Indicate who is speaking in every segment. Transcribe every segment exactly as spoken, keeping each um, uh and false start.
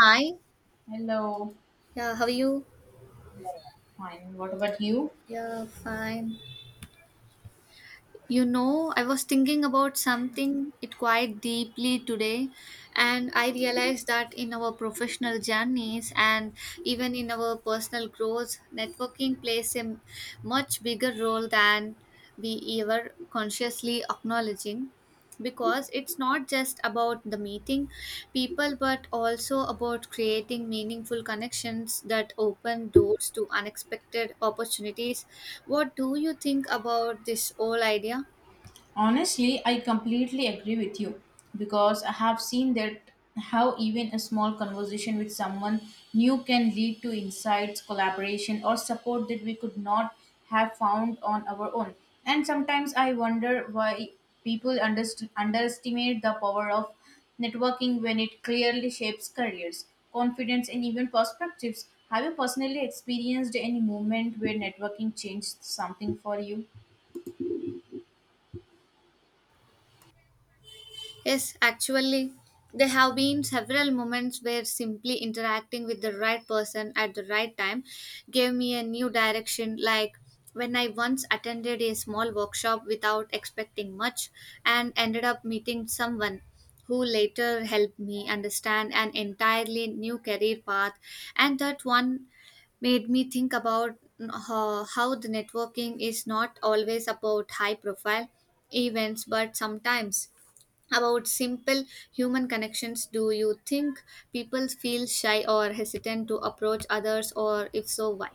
Speaker 1: Hi.
Speaker 2: Hello.
Speaker 1: Yeah, how are you?
Speaker 2: Yeah, fine. What about you?
Speaker 1: Yeah, fine. you know, I was thinking about something it quite deeply today, and I realized that in our professional journeys and even in our personal growth, networking plays a much bigger role than we ever consciously acknowledging. Because it's not just about the meeting people but also about creating meaningful connections that open doors to unexpected opportunities. What do you think about this whole idea?
Speaker 2: Honestly, I completely agree with you because I have seen that how even a small conversation with someone new can lead to insights, collaboration, or support that we could not have found on our own. And sometimes I wonder why people underst- underestimate the power of networking when it clearly shapes careers, confidence, and even perspectives. Have you personally experienced any moment where networking changed something for you?
Speaker 1: Yes, actually, there have been several moments where simply interacting with the right person at the right time gave me a new direction. Like when I once attended a small workshop without expecting much and ended up meeting someone who later helped me understand an entirely new career path, and that one made me think about how, how the networking is not always about high profile events but sometimes about simple human connections. Do you think people feel shy or hesitant to approach others, or if so why?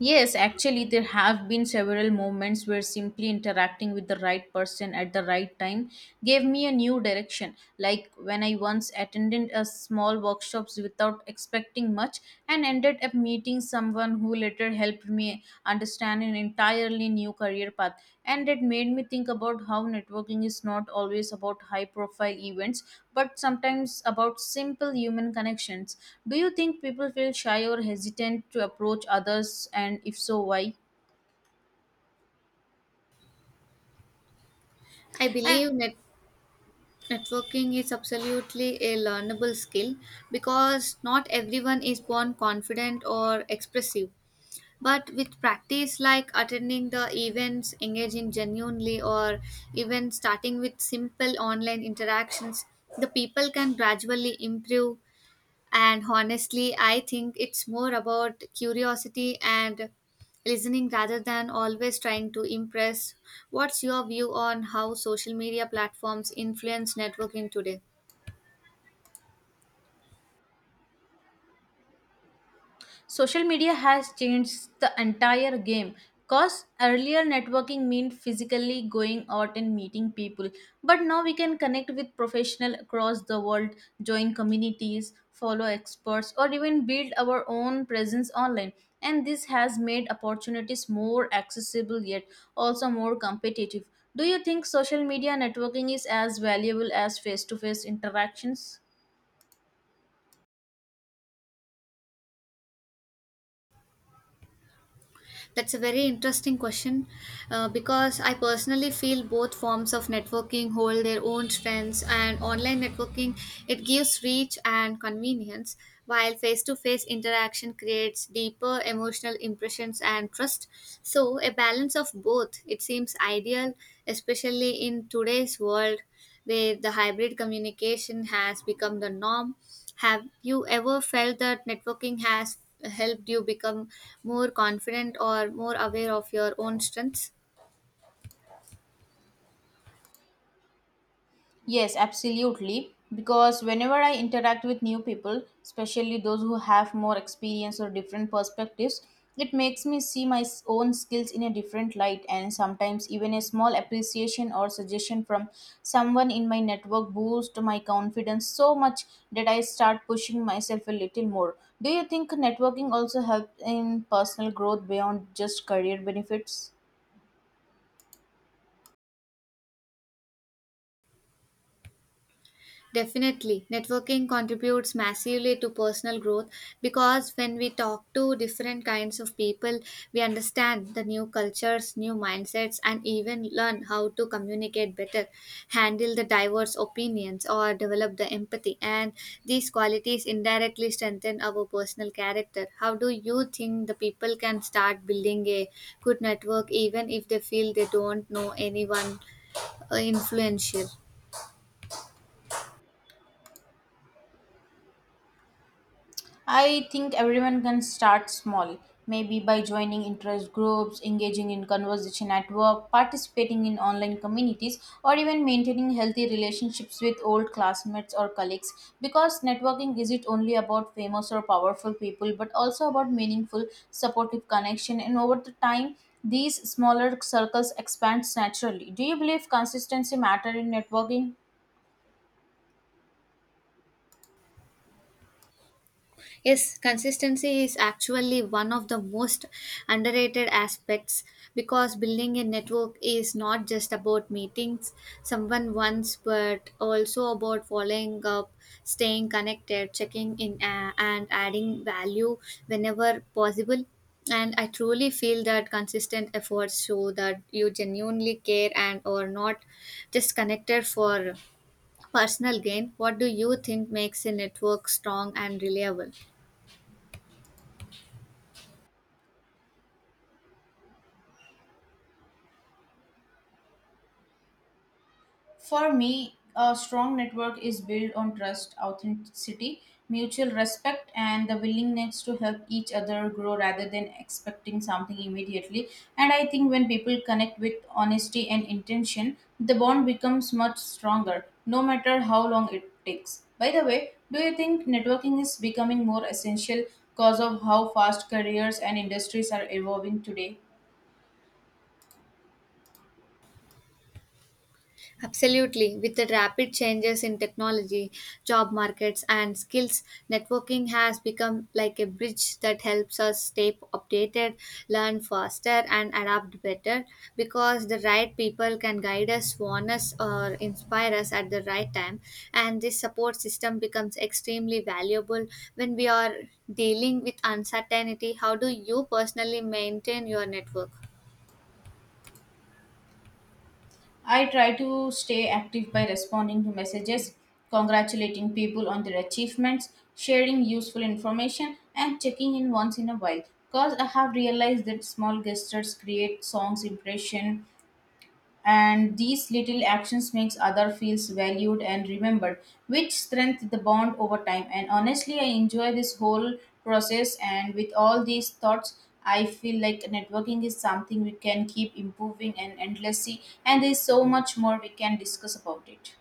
Speaker 2: Yes, actually, there have been several moments where simply interacting with the right person at the right time gave me a new direction. Like when I once attended a small workshops without expecting much and ended up meeting someone who later helped me understand an entirely new career path, and it made me think about how networking is not always about high profile events but sometimes about simple human connections. Do you think people feel shy or hesitant to approach others, and if so why?
Speaker 1: i
Speaker 2: A-
Speaker 1: believe net- Networking is absolutely a learnable skill because not everyone is born confident or expressive, but with practice like attending the events, engaging genuinely, or even starting with simple online interactions, the people can gradually improve. And honestly, I think it's more about curiosity and listening rather than always trying to impress. What's your view on how social media platforms influence networking today?
Speaker 2: Social media has changed the entire game because earlier networking meant physically going out and meeting people, but now we can connect with professionals across the world, join communities, follow experts, or even build our own presence online. And this has made opportunities more accessible yet also more competitive. Do you think social media networking is as valuable as face to face interactions?
Speaker 1: That's a very interesting question, uh, because I personally feel both forms of networking hold their own strengths, and online networking, it gives reach and convenience, while face-to-face interaction creates deeper emotional impressions and trust. So a balance of both it seems ideal, especially in today's world where the hybrid communication has become the norm. Have you ever felt that networking has helped you become more confident or more aware of your own strengths?
Speaker 2: Yes, absolutely. Because whenever I interact with new people, especially those who have more experience or different perspectives, it makes me see my s- own skills in a different light, and sometimes even a small appreciation or suggestion from someone in my network boosts my confidence so much that I start pushing myself a little more. Do you think networking also helps in personal growth beyond just career benefits?
Speaker 1: Definitely. Networking contributes massively to personal growth because when we talk to different kinds of people, we understand the new cultures, new mindsets, and even learn how to communicate better, handle the diverse opinions, or develop the empathy. And these qualities indirectly strengthen our personal character. How do you think the people can start building a good network even if they feel they don't know anyone uh, influential?
Speaker 2: I think everyone can start small, maybe by joining interest groups, engaging in conversation at work, participating in online communities, or even maintaining healthy relationships with old classmates or colleagues. Because networking isn't only about famous or powerful people, but also about meaningful, supportive connection, and over the time, these smaller circles expand naturally. Do you believe consistency matter in networking?
Speaker 1: Yes, consistency is actually one of the most underrated aspects because building a network is not just about meetings someone once but also about following up, staying connected, checking in, uh, and adding value whenever possible. And I truly feel that consistent efforts show that you genuinely care and are not just connected for personal gain. What do you think makes a network strong and reliable?
Speaker 2: For me, a strong network is built on trust, authenticity, mutual respect, and the willingness to help each other grow rather than expecting something immediately. And I think when people connect with honesty and intention, the bond becomes much stronger, no matter how long it takes. By the way, do you think networking is becoming more essential because of how fast careers and industries are evolving today?
Speaker 1: Absolutely. With the rapid changes in technology, job markets, and skills, networking has become like a bridge that helps us stay updated, learn faster, and adapt better because the right people can guide us, warn us, or inspire us at the right time. And this support system becomes extremely valuable when we are dealing with uncertainty. How do you personally maintain your network?
Speaker 2: I try to stay active by responding to messages, congratulating people on their achievements, sharing useful information, and checking in once in a while. Because I have realized that small gestures create songs impression, and these little actions makes other feels valued and remembered, which strength the bond over time. And honestly, I enjoy this whole process, and with all these thoughts I feel like networking is something we can keep improving and endlessly, and there's so much more we can discuss about it.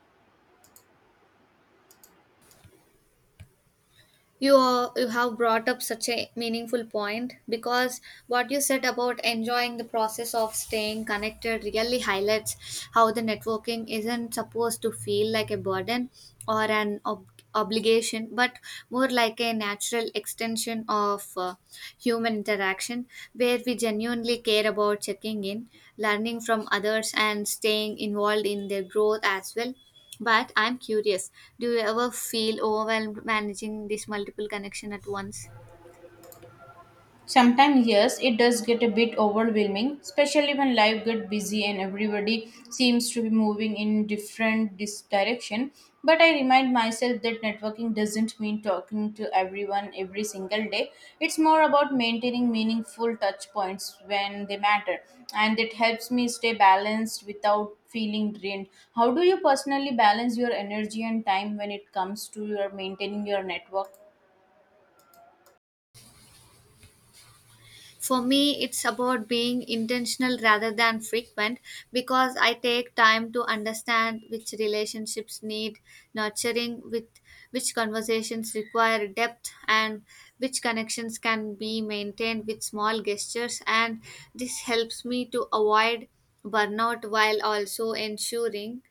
Speaker 1: you are, You have brought up such a meaningful point because what you said about enjoying the process of staying connected really highlights how the networking isn't supposed to feel like a burden or an ob- obligation, but more like a natural extension of uh, human interaction where we genuinely care about checking in, learning from others, and staying involved in their growth as well. But I'm curious, do you ever feel overwhelmed managing this multiple connection at once?
Speaker 2: Sometimes, yes, it does get a bit overwhelming, especially when life gets busy and everybody seems to be moving in different dis- direction. But I remind myself that networking doesn't mean talking to everyone every single day. It's more about maintaining meaningful touch points when they matter, and it helps me stay balanced without feeling drained. How do you personally balance your energy and time when it comes to your maintaining your network?
Speaker 1: For me, it's about being intentional rather than frequent because I take time to understand which relationships need nurturing, with which conversations require depth, and which connections can be maintained with small gestures. And this helps me to avoid burnout while also ensuring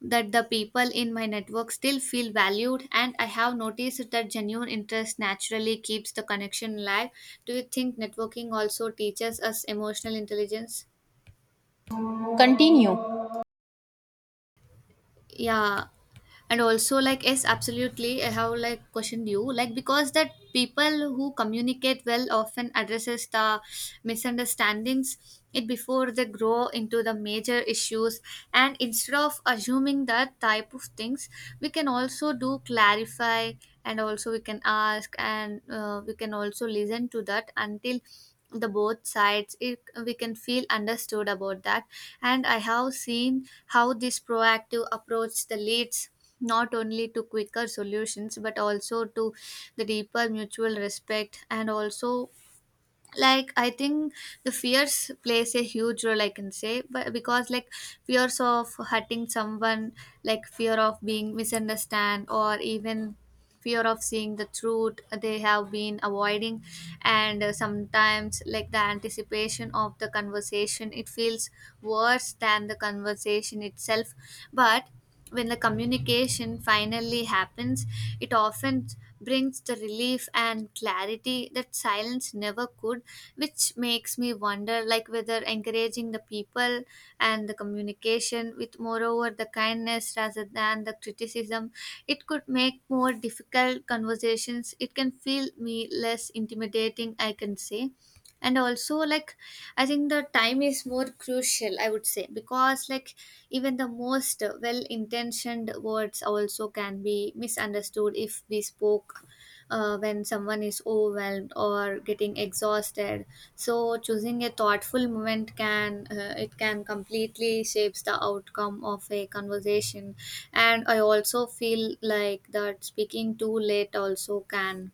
Speaker 1: that the people in my network still feel valued, and I have noticed that genuine interest naturally keeps the connection alive. Do you think networking also teaches us emotional intelligence?
Speaker 2: Continue.
Speaker 1: Yeah, and also like, yes absolutely, I have like questioned you like because that people who communicate well often addresses the misunderstandings it before they grow into the major issues, and instead of assuming that type of things, we can also do clarify, and also we can ask, and uh, we can also listen to that until the both sides it, we can feel understood about that. And I have seen how this proactive approach the leads not only to quicker solutions but also to the deeper mutual respect. And also like, I think the fears plays a huge role I can say, but because like fears of hurting someone, like fear of being misunderstood, or even fear of seeing the truth they have been avoiding. And uh, sometimes like the anticipation of the conversation it feels worse than the conversation itself. But when the communication finally happens, it often brings the relief and clarity that silence never could, which makes me wonder like whether encouraging the people and the communication with moreover the kindness rather than the criticism, it could make more difficult conversations it can feel me less intimidating I can say. And also like, I think the time is more crucial, I would say, because like even the most well intentioned words also can be misunderstood if we spoke uh, when someone is overwhelmed or getting exhausted. So choosing a thoughtful moment can uh, it can completely shapes the outcome of a conversation. And I also feel like that speaking too late also can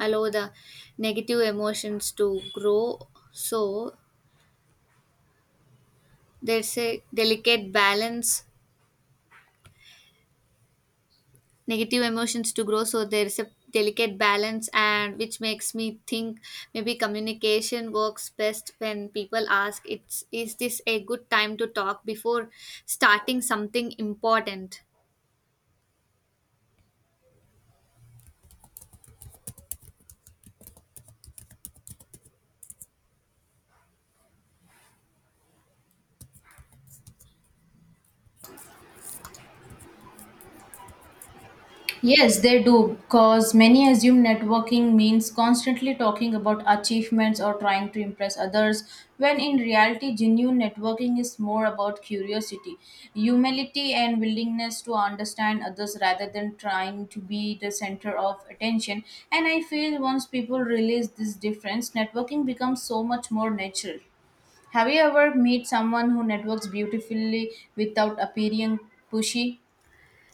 Speaker 1: allow the negative emotions to grow, so there's a delicate balance. Negative emotions to grow so there's a delicate balance and Which makes me think maybe communication works best when people ask it's is this a good time to talk before starting something important.
Speaker 2: Yes, they do, because many assume networking means constantly talking about achievements or trying to impress others, when in reality, genuine networking is more about curiosity, humility, and willingness to understand others rather than trying to be the center of attention. And I feel once people realize this difference, networking becomes so much more natural. Have you ever met someone who networks beautifully without appearing pushy?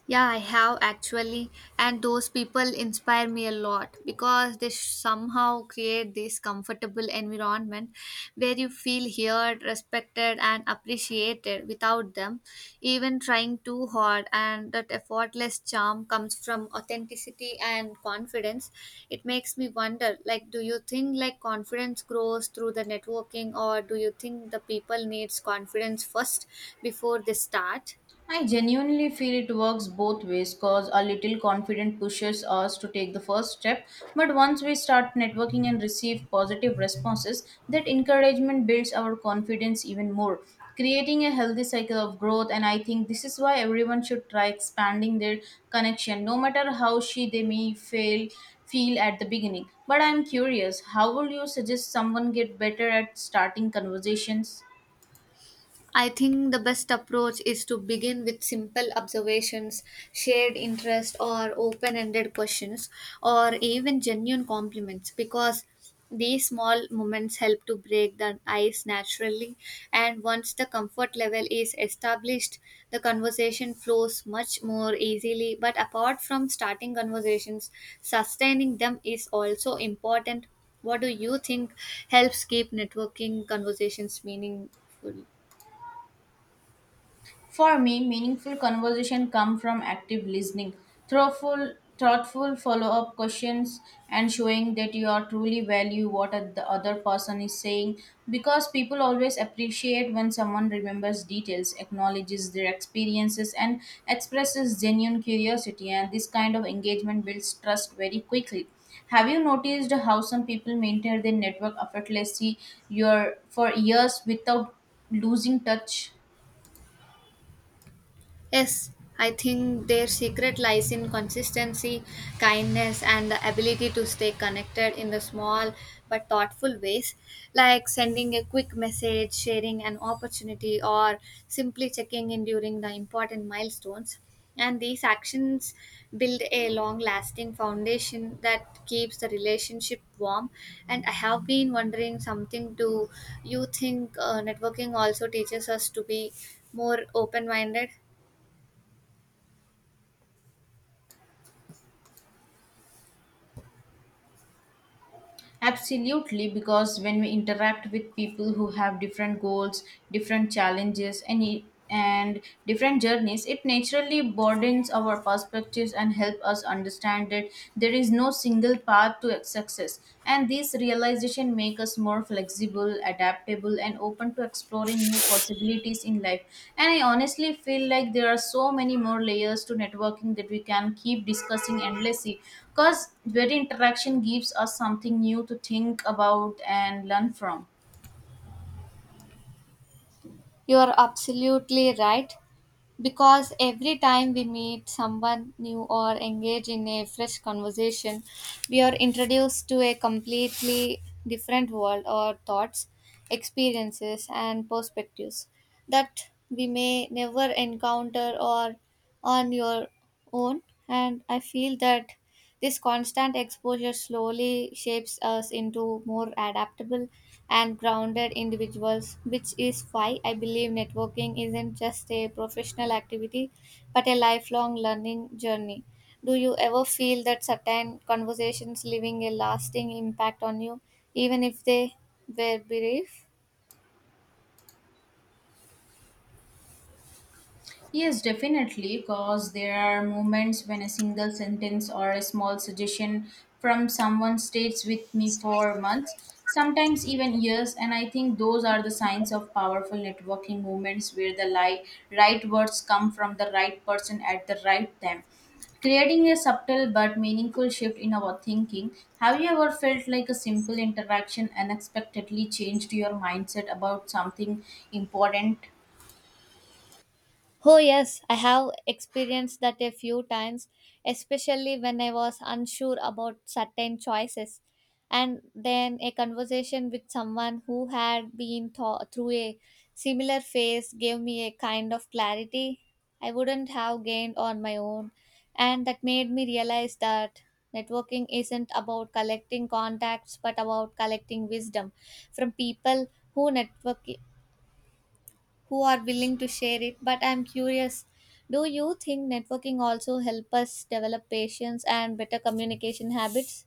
Speaker 1: Yeah, I have actually, and those people inspire me a lot because they somehow create this comfortable environment where you feel heard, respected, and appreciated without them even trying too hard. And that effortless charm comes from authenticity and confidence. It makes me wonder, like, do you think like confidence grows through the networking, or do you think the people needs confidence first before they start?
Speaker 2: I genuinely feel it works both ways because a little confident pushes us to take the first step. But once we start networking and receive positive responses, that encouragement builds our confidence even more, creating a healthy cycle of growth. And I think this is why everyone should try expanding their connection, no matter how she they may fail feel at the beginning. But I'm curious, how would you suggest someone get better at starting conversations?
Speaker 1: I think the best approach is to begin with simple observations, shared interest, or open ended questions, or even genuine compliments because these small moments help to break the ice naturally. And once the comfort level is established, the conversation flows much more easily. But apart from starting conversations, sustaining them is also important. What do you think helps keep networking conversations meaningful?
Speaker 2: For me, meaningful conversation come from active listening, thoughtful, thoughtful follow-up questions, and showing that you are truly value what a- the other person is saying. Because people always appreciate when someone remembers details, acknowledges their experiences, and expresses genuine curiosity. And this kind of engagement builds trust very quickly. Have you noticed how some people maintain their network effortlessly your, for years without losing touch?
Speaker 1: Yes, I think their secret lies in consistency, kindness, and the ability to stay connected in the small but thoughtful ways, like sending a quick message, sharing an opportunity, or simply checking in during the important milestones. And these actions build a long lasting foundation that keeps the relationship warm. And I have been wondering something, do you think uh, networking also teaches us to be more open minded?
Speaker 2: Absolutely, because when we interact with people who have different goals, different challenges, and i- and different journeys, it naturally broadens our perspectives and help us understand that there is no single path to success. And this realization makes make us more flexible, adaptable, and open to exploring new possibilities in life. And I honestly feel like there are so many more layers to networking that we can keep discussing endlessly because every interaction gives us something new to think about and learn from.
Speaker 1: You are absolutely right, because every time we meet someone new or engage in a fresh conversation, we are introduced to a completely different world or thoughts, experiences, and perspectives that we may never encounter or on your own. And I feel that this constant exposure slowly shapes us into more adaptable and grounded individuals, which is why I believe networking isn't just a professional activity but a lifelong learning journey. Do you ever feel that certain conversations leaving a lasting impact on you, even if they were brief?
Speaker 2: Yes, definitely, because there are moments when a single sentence or a small suggestion from someone stays with me for months, sometimes even years, and I think those are the signs of powerful networking moments where the li- right words come from the right person at the right time, creating a subtle but meaningful shift in our thinking. Have you ever felt like a simple interaction unexpectedly changed your mindset about something important?
Speaker 1: Oh, yes, I have experienced that a few times, especially when I was unsure about certain choices. And then a conversation with someone who had been th- through a similar phase gave me a kind of clarity I wouldn't have gained on my own. And that made me realize that networking isn't about collecting contacts but about collecting wisdom from people who network who are willing to share it. But I'm curious, do you think networking also help us develop patience and better communication habits?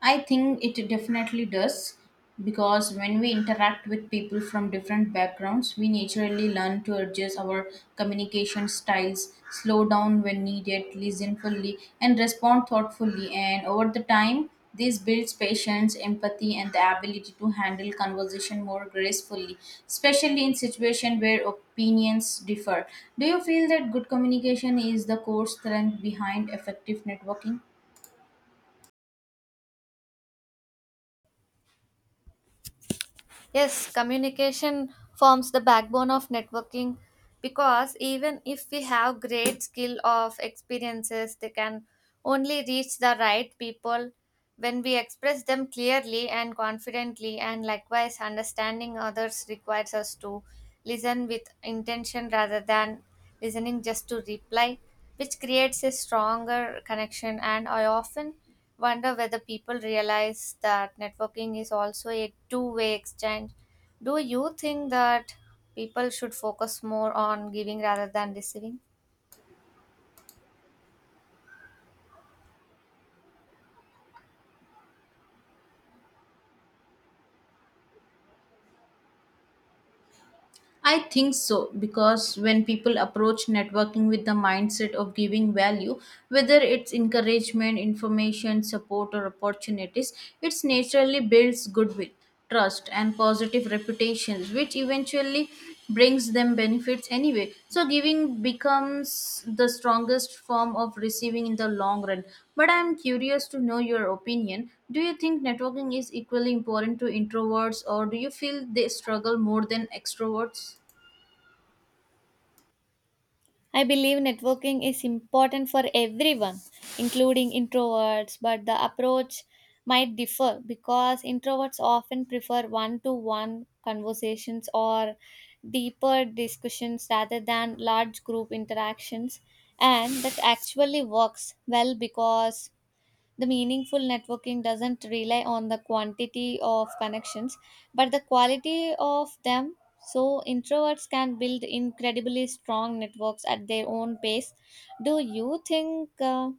Speaker 2: I think it definitely does because when we interact with people from different backgrounds, we naturally learn to adjust our communication styles, slow down when needed, listen fully, and respond thoughtfully. And over the time, this builds patience, empathy, and the ability to handle conversation more gracefully, especially in situations where opinions differ. Do you feel that good communication is the core strength behind effective networking?
Speaker 1: Yes, communication forms the backbone of networking because even if we have great skill of experiences, they can only reach the right people when we express them clearly and confidently, and likewise understanding others requires us to listen with intention rather than listening just to reply, which creates a stronger connection. And I often wonder whether people realize that networking is also a two way exchange. Do you think that people should focus more on giving rather than receiving?
Speaker 2: I think so because when people approach networking with the mindset of giving value, whether it's encouragement, information, support, or opportunities, it naturally builds goodwill, trust, and positive reputations, which eventually brings them benefits anyway. So giving becomes the strongest form of receiving in the long run. But I'm curious to know your opinion, do you think networking is equally important to introverts, or do you feel they struggle more than extroverts?
Speaker 1: I believe networking is important for everyone, including introverts, but the approach might differ because introverts often prefer one to one conversations or deeper discussions rather than large group interactions, and that actually works well because the meaningful networking doesn't rely on the quantity of connections, but the quality of them. So, introverts can build incredibly strong networks at their own pace. Do you think uh,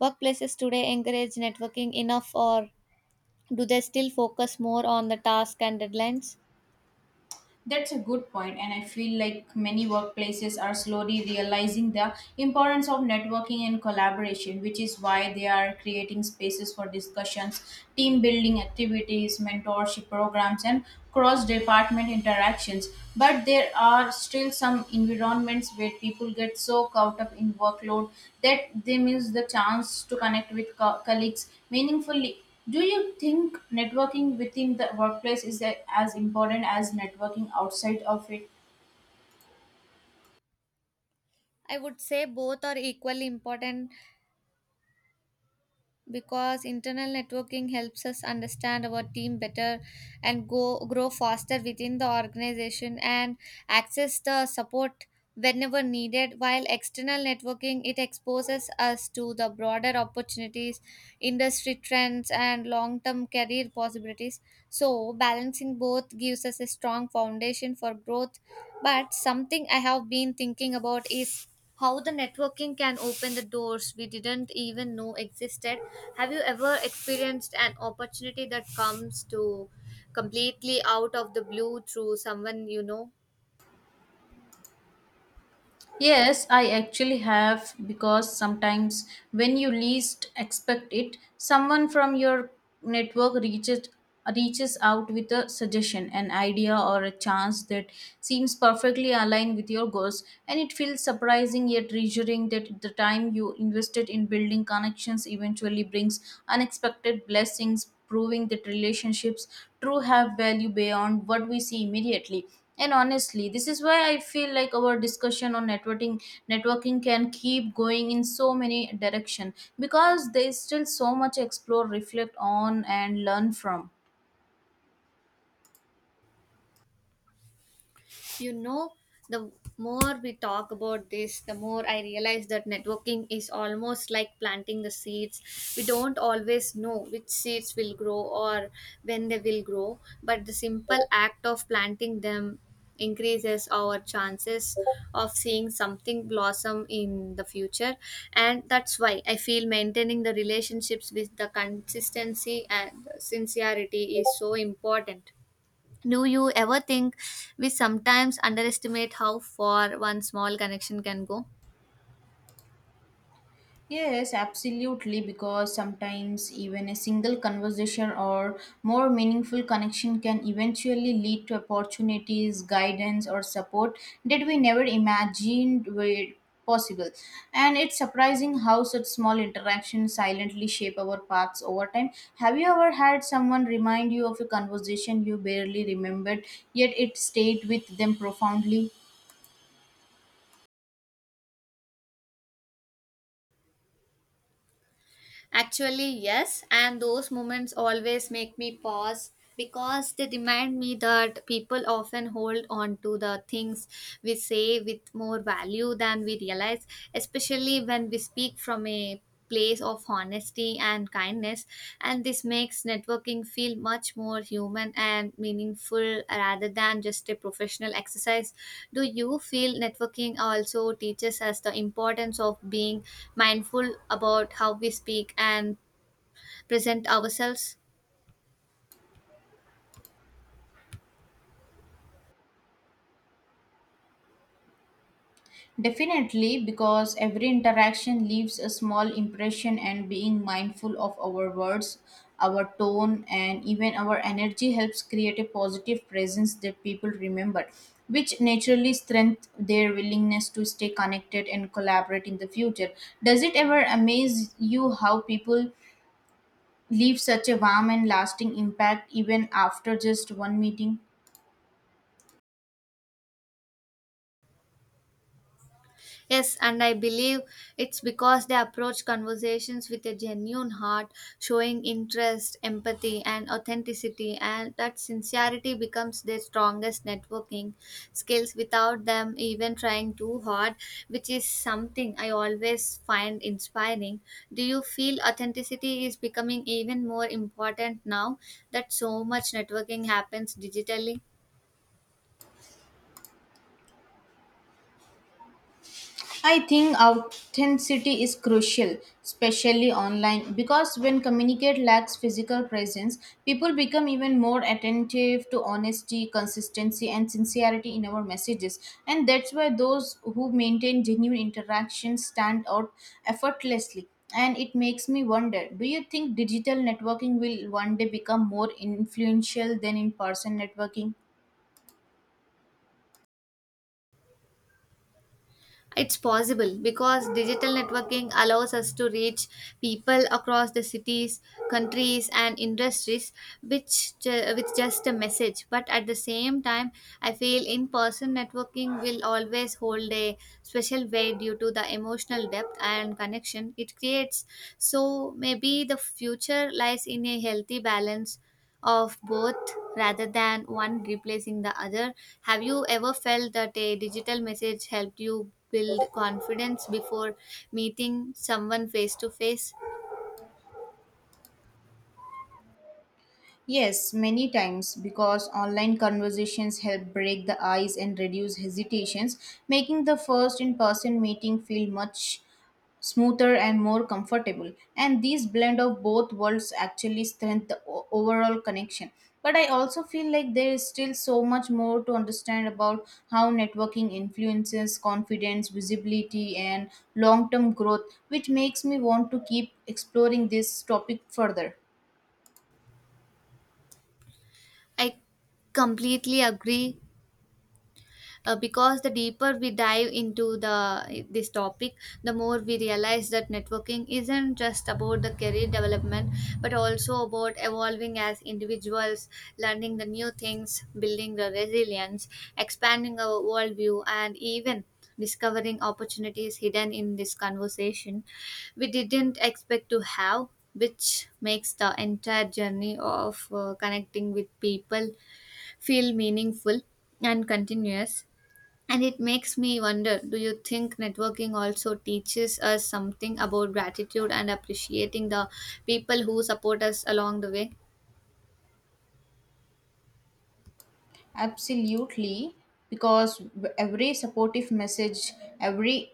Speaker 1: workplaces today encourage networking enough, or do they still focus more on the task and deadlines?
Speaker 2: That's a good point, and I feel like many workplaces are slowly realizing the importance of networking and collaboration, which is why they are creating spaces for discussions, team building activities, mentorship programs, and cross department interactions. But there are still some environments where people get so caught up in workload that they miss the chance to connect with co- colleagues meaningfully. Do you think networking within the workplace is a- as important as networking outside of it?
Speaker 1: I would say both are equally important because internal networking helps us understand our team better and go grow faster within the organization and access the support whenever needed, while external networking it exposes us to the broader opportunities, industry trends, and long-term career possibilities. So balancing both gives us a strong foundation for growth. But something I have been thinking about is how the networking can open the doors we didn't even know existed. Have you ever experienced an opportunity that comes to completely out of the blue through someone you know?
Speaker 2: Yes, I actually have, because sometimes when you least expect it, someone from your network reaches reaches out with a suggestion, an idea or a chance that seems perfectly aligned with your goals, and it feels surprising yet reassuring that the time you invested in building connections eventually brings unexpected blessings, proving that relationships true have value beyond what we see immediately. And honestly, this is why I feel like our discussion on networking networking can keep going in so many direction, because there is still so much explore, reflect on and learn from.
Speaker 1: You know, the more we talk about this, the more I realize that networking is almost like planting the seeds. We don't always know which seeds will grow or when they will grow, but the simple act of planting them increases our chances of seeing something blossom in the future. And that's why I feel maintaining the relationships with the consistency and sincerity is so important. Do you ever think we sometimes underestimate how far one small connection can go?
Speaker 2: Yes, absolutely, because sometimes even a single conversation or more meaningful connection can eventually lead to opportunities, guidance, or support that we never imagined were possible. And it's surprising how such small interactions silently shape our paths over time. Have you ever had someone remind you of a conversation you barely remembered, yet it stayed with them profoundly?
Speaker 1: Actually, yes, and those moments always make me pause because they remind me that people often hold on to the things we say with more value than we realize, especially when we speak from a place of honesty and kindness. And this makes networking feel much more human and meaningful rather than just a professional exercise. Do you feel networking also teaches us the importance of being mindful about how we speak and present ourselves?
Speaker 2: Definitely, because every interaction leaves a small impression, and being mindful of our words, our tone, and even our energy helps create a positive presence that people remember, which naturally strengthens their willingness to stay connected and collaborate in the future. Does it ever amaze you how people leave such a warm and lasting impact even after just one meeting?
Speaker 1: Yes, and I believe it's because they approach conversations with a genuine heart, showing interest, empathy, and authenticity, and that sincerity becomes their strongest networking skills without them even trying too hard, which is something I always find inspiring. Do you feel authenticity is becoming even more important now that so much networking happens digitally?
Speaker 2: I think authenticity is crucial, especially online, because when communicate lacks physical presence, people become even more attentive to honesty, consistency, and sincerity in our messages. And that's why those who maintain genuine interactions stand out effortlessly. And it makes me wonder, do you think digital networking will one day become more influential than in person networking?
Speaker 1: It's possible because digital networking allows us to reach people across the cities, countries, and industries, which ju- with just a message. But at the same time, I feel in-person networking will always hold a special weight due to the emotional depth and connection it creates. So maybe the future lies in a healthy balance of both rather than one replacing the other. Have you ever felt that a digital message helped you build confidence before meeting someone face to face?
Speaker 2: Yes, many times, because online conversations help break the ice and reduce hesitations, making the first in person meeting feel much smoother and more comfortable. And these blend of both worlds actually strengthen the o- overall connection. But I also feel like there is still so much more to understand about how networking influences confidence, visibility, and long term growth, which makes me want to keep exploring this topic further.
Speaker 1: I completely agree. Uh, because the deeper we dive into the this topic, the more we realize that networking isn't just about the career development, but also about evolving as individuals, learning the new things, building the resilience, expanding our worldview, and even discovering opportunities hidden in this conversation we didn't expect to have, which makes the entire journey of uh, connecting with people feel meaningful and continuous. And it makes me wonder, do you think networking also teaches us something about gratitude and appreciating the people who support us along the way?
Speaker 2: Absolutely, because every supportive message, every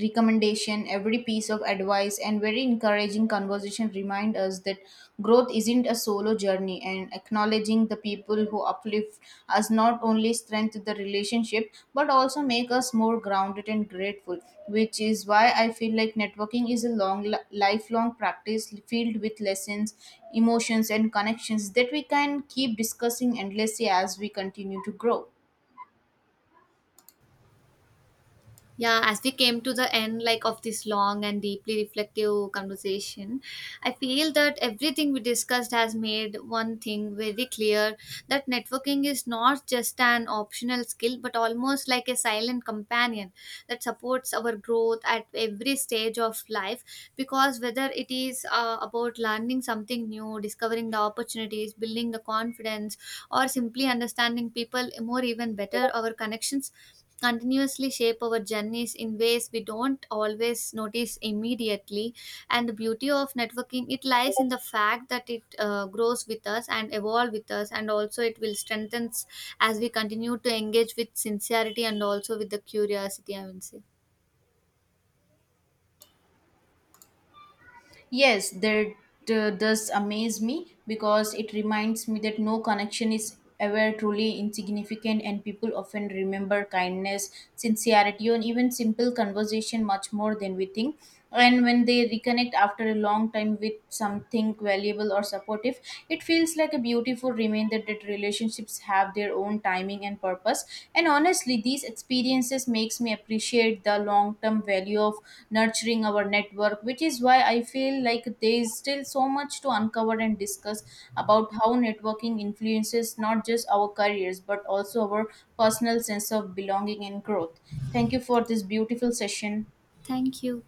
Speaker 2: recommendation, every piece of advice, and very encouraging conversation remind us that growth isn't a solo journey. And acknowledging the people who uplift us not only strengthen the relationship but also make us more grounded and grateful. Which is why I feel like networking is a long, li- lifelong practice filled with lessons, emotions, and connections that we can keep discussing endlessly as we continue to grow.
Speaker 1: Yeah, as we came to the end like of this long and deeply reflective conversation, I feel that everything we discussed has made one thing very clear, that networking is not just an optional skill but almost like a silent companion that supports our growth at every stage of life, because whether it is uh, about learning something new, discovering the opportunities, building the confidence, or simply understanding people more even better, our connections continuously shape our journeys in ways we don't always notice immediately. And the beauty of networking it lies in the fact that it uh, grows with us and evolve with us, and also it will strengthen as we continue to engage with sincerity and also with the curiosity, I will say.
Speaker 2: Yes, that uh, does amaze me because it reminds me that no connection is ever truly insignificant, and people often remember kindness, sincerity, and even simple conversation much more than we think. And when they reconnect after a long time with something valuable or supportive, it feels like a beautiful reminder that relationships have their own timing and purpose. And honestly, these experiences makes me appreciate the long term value of nurturing our network, which is why I feel like there is still so much to uncover and discuss about how networking influences not just our careers but also our personal sense of belonging and growth. Thank you for this beautiful session.
Speaker 1: Thank you.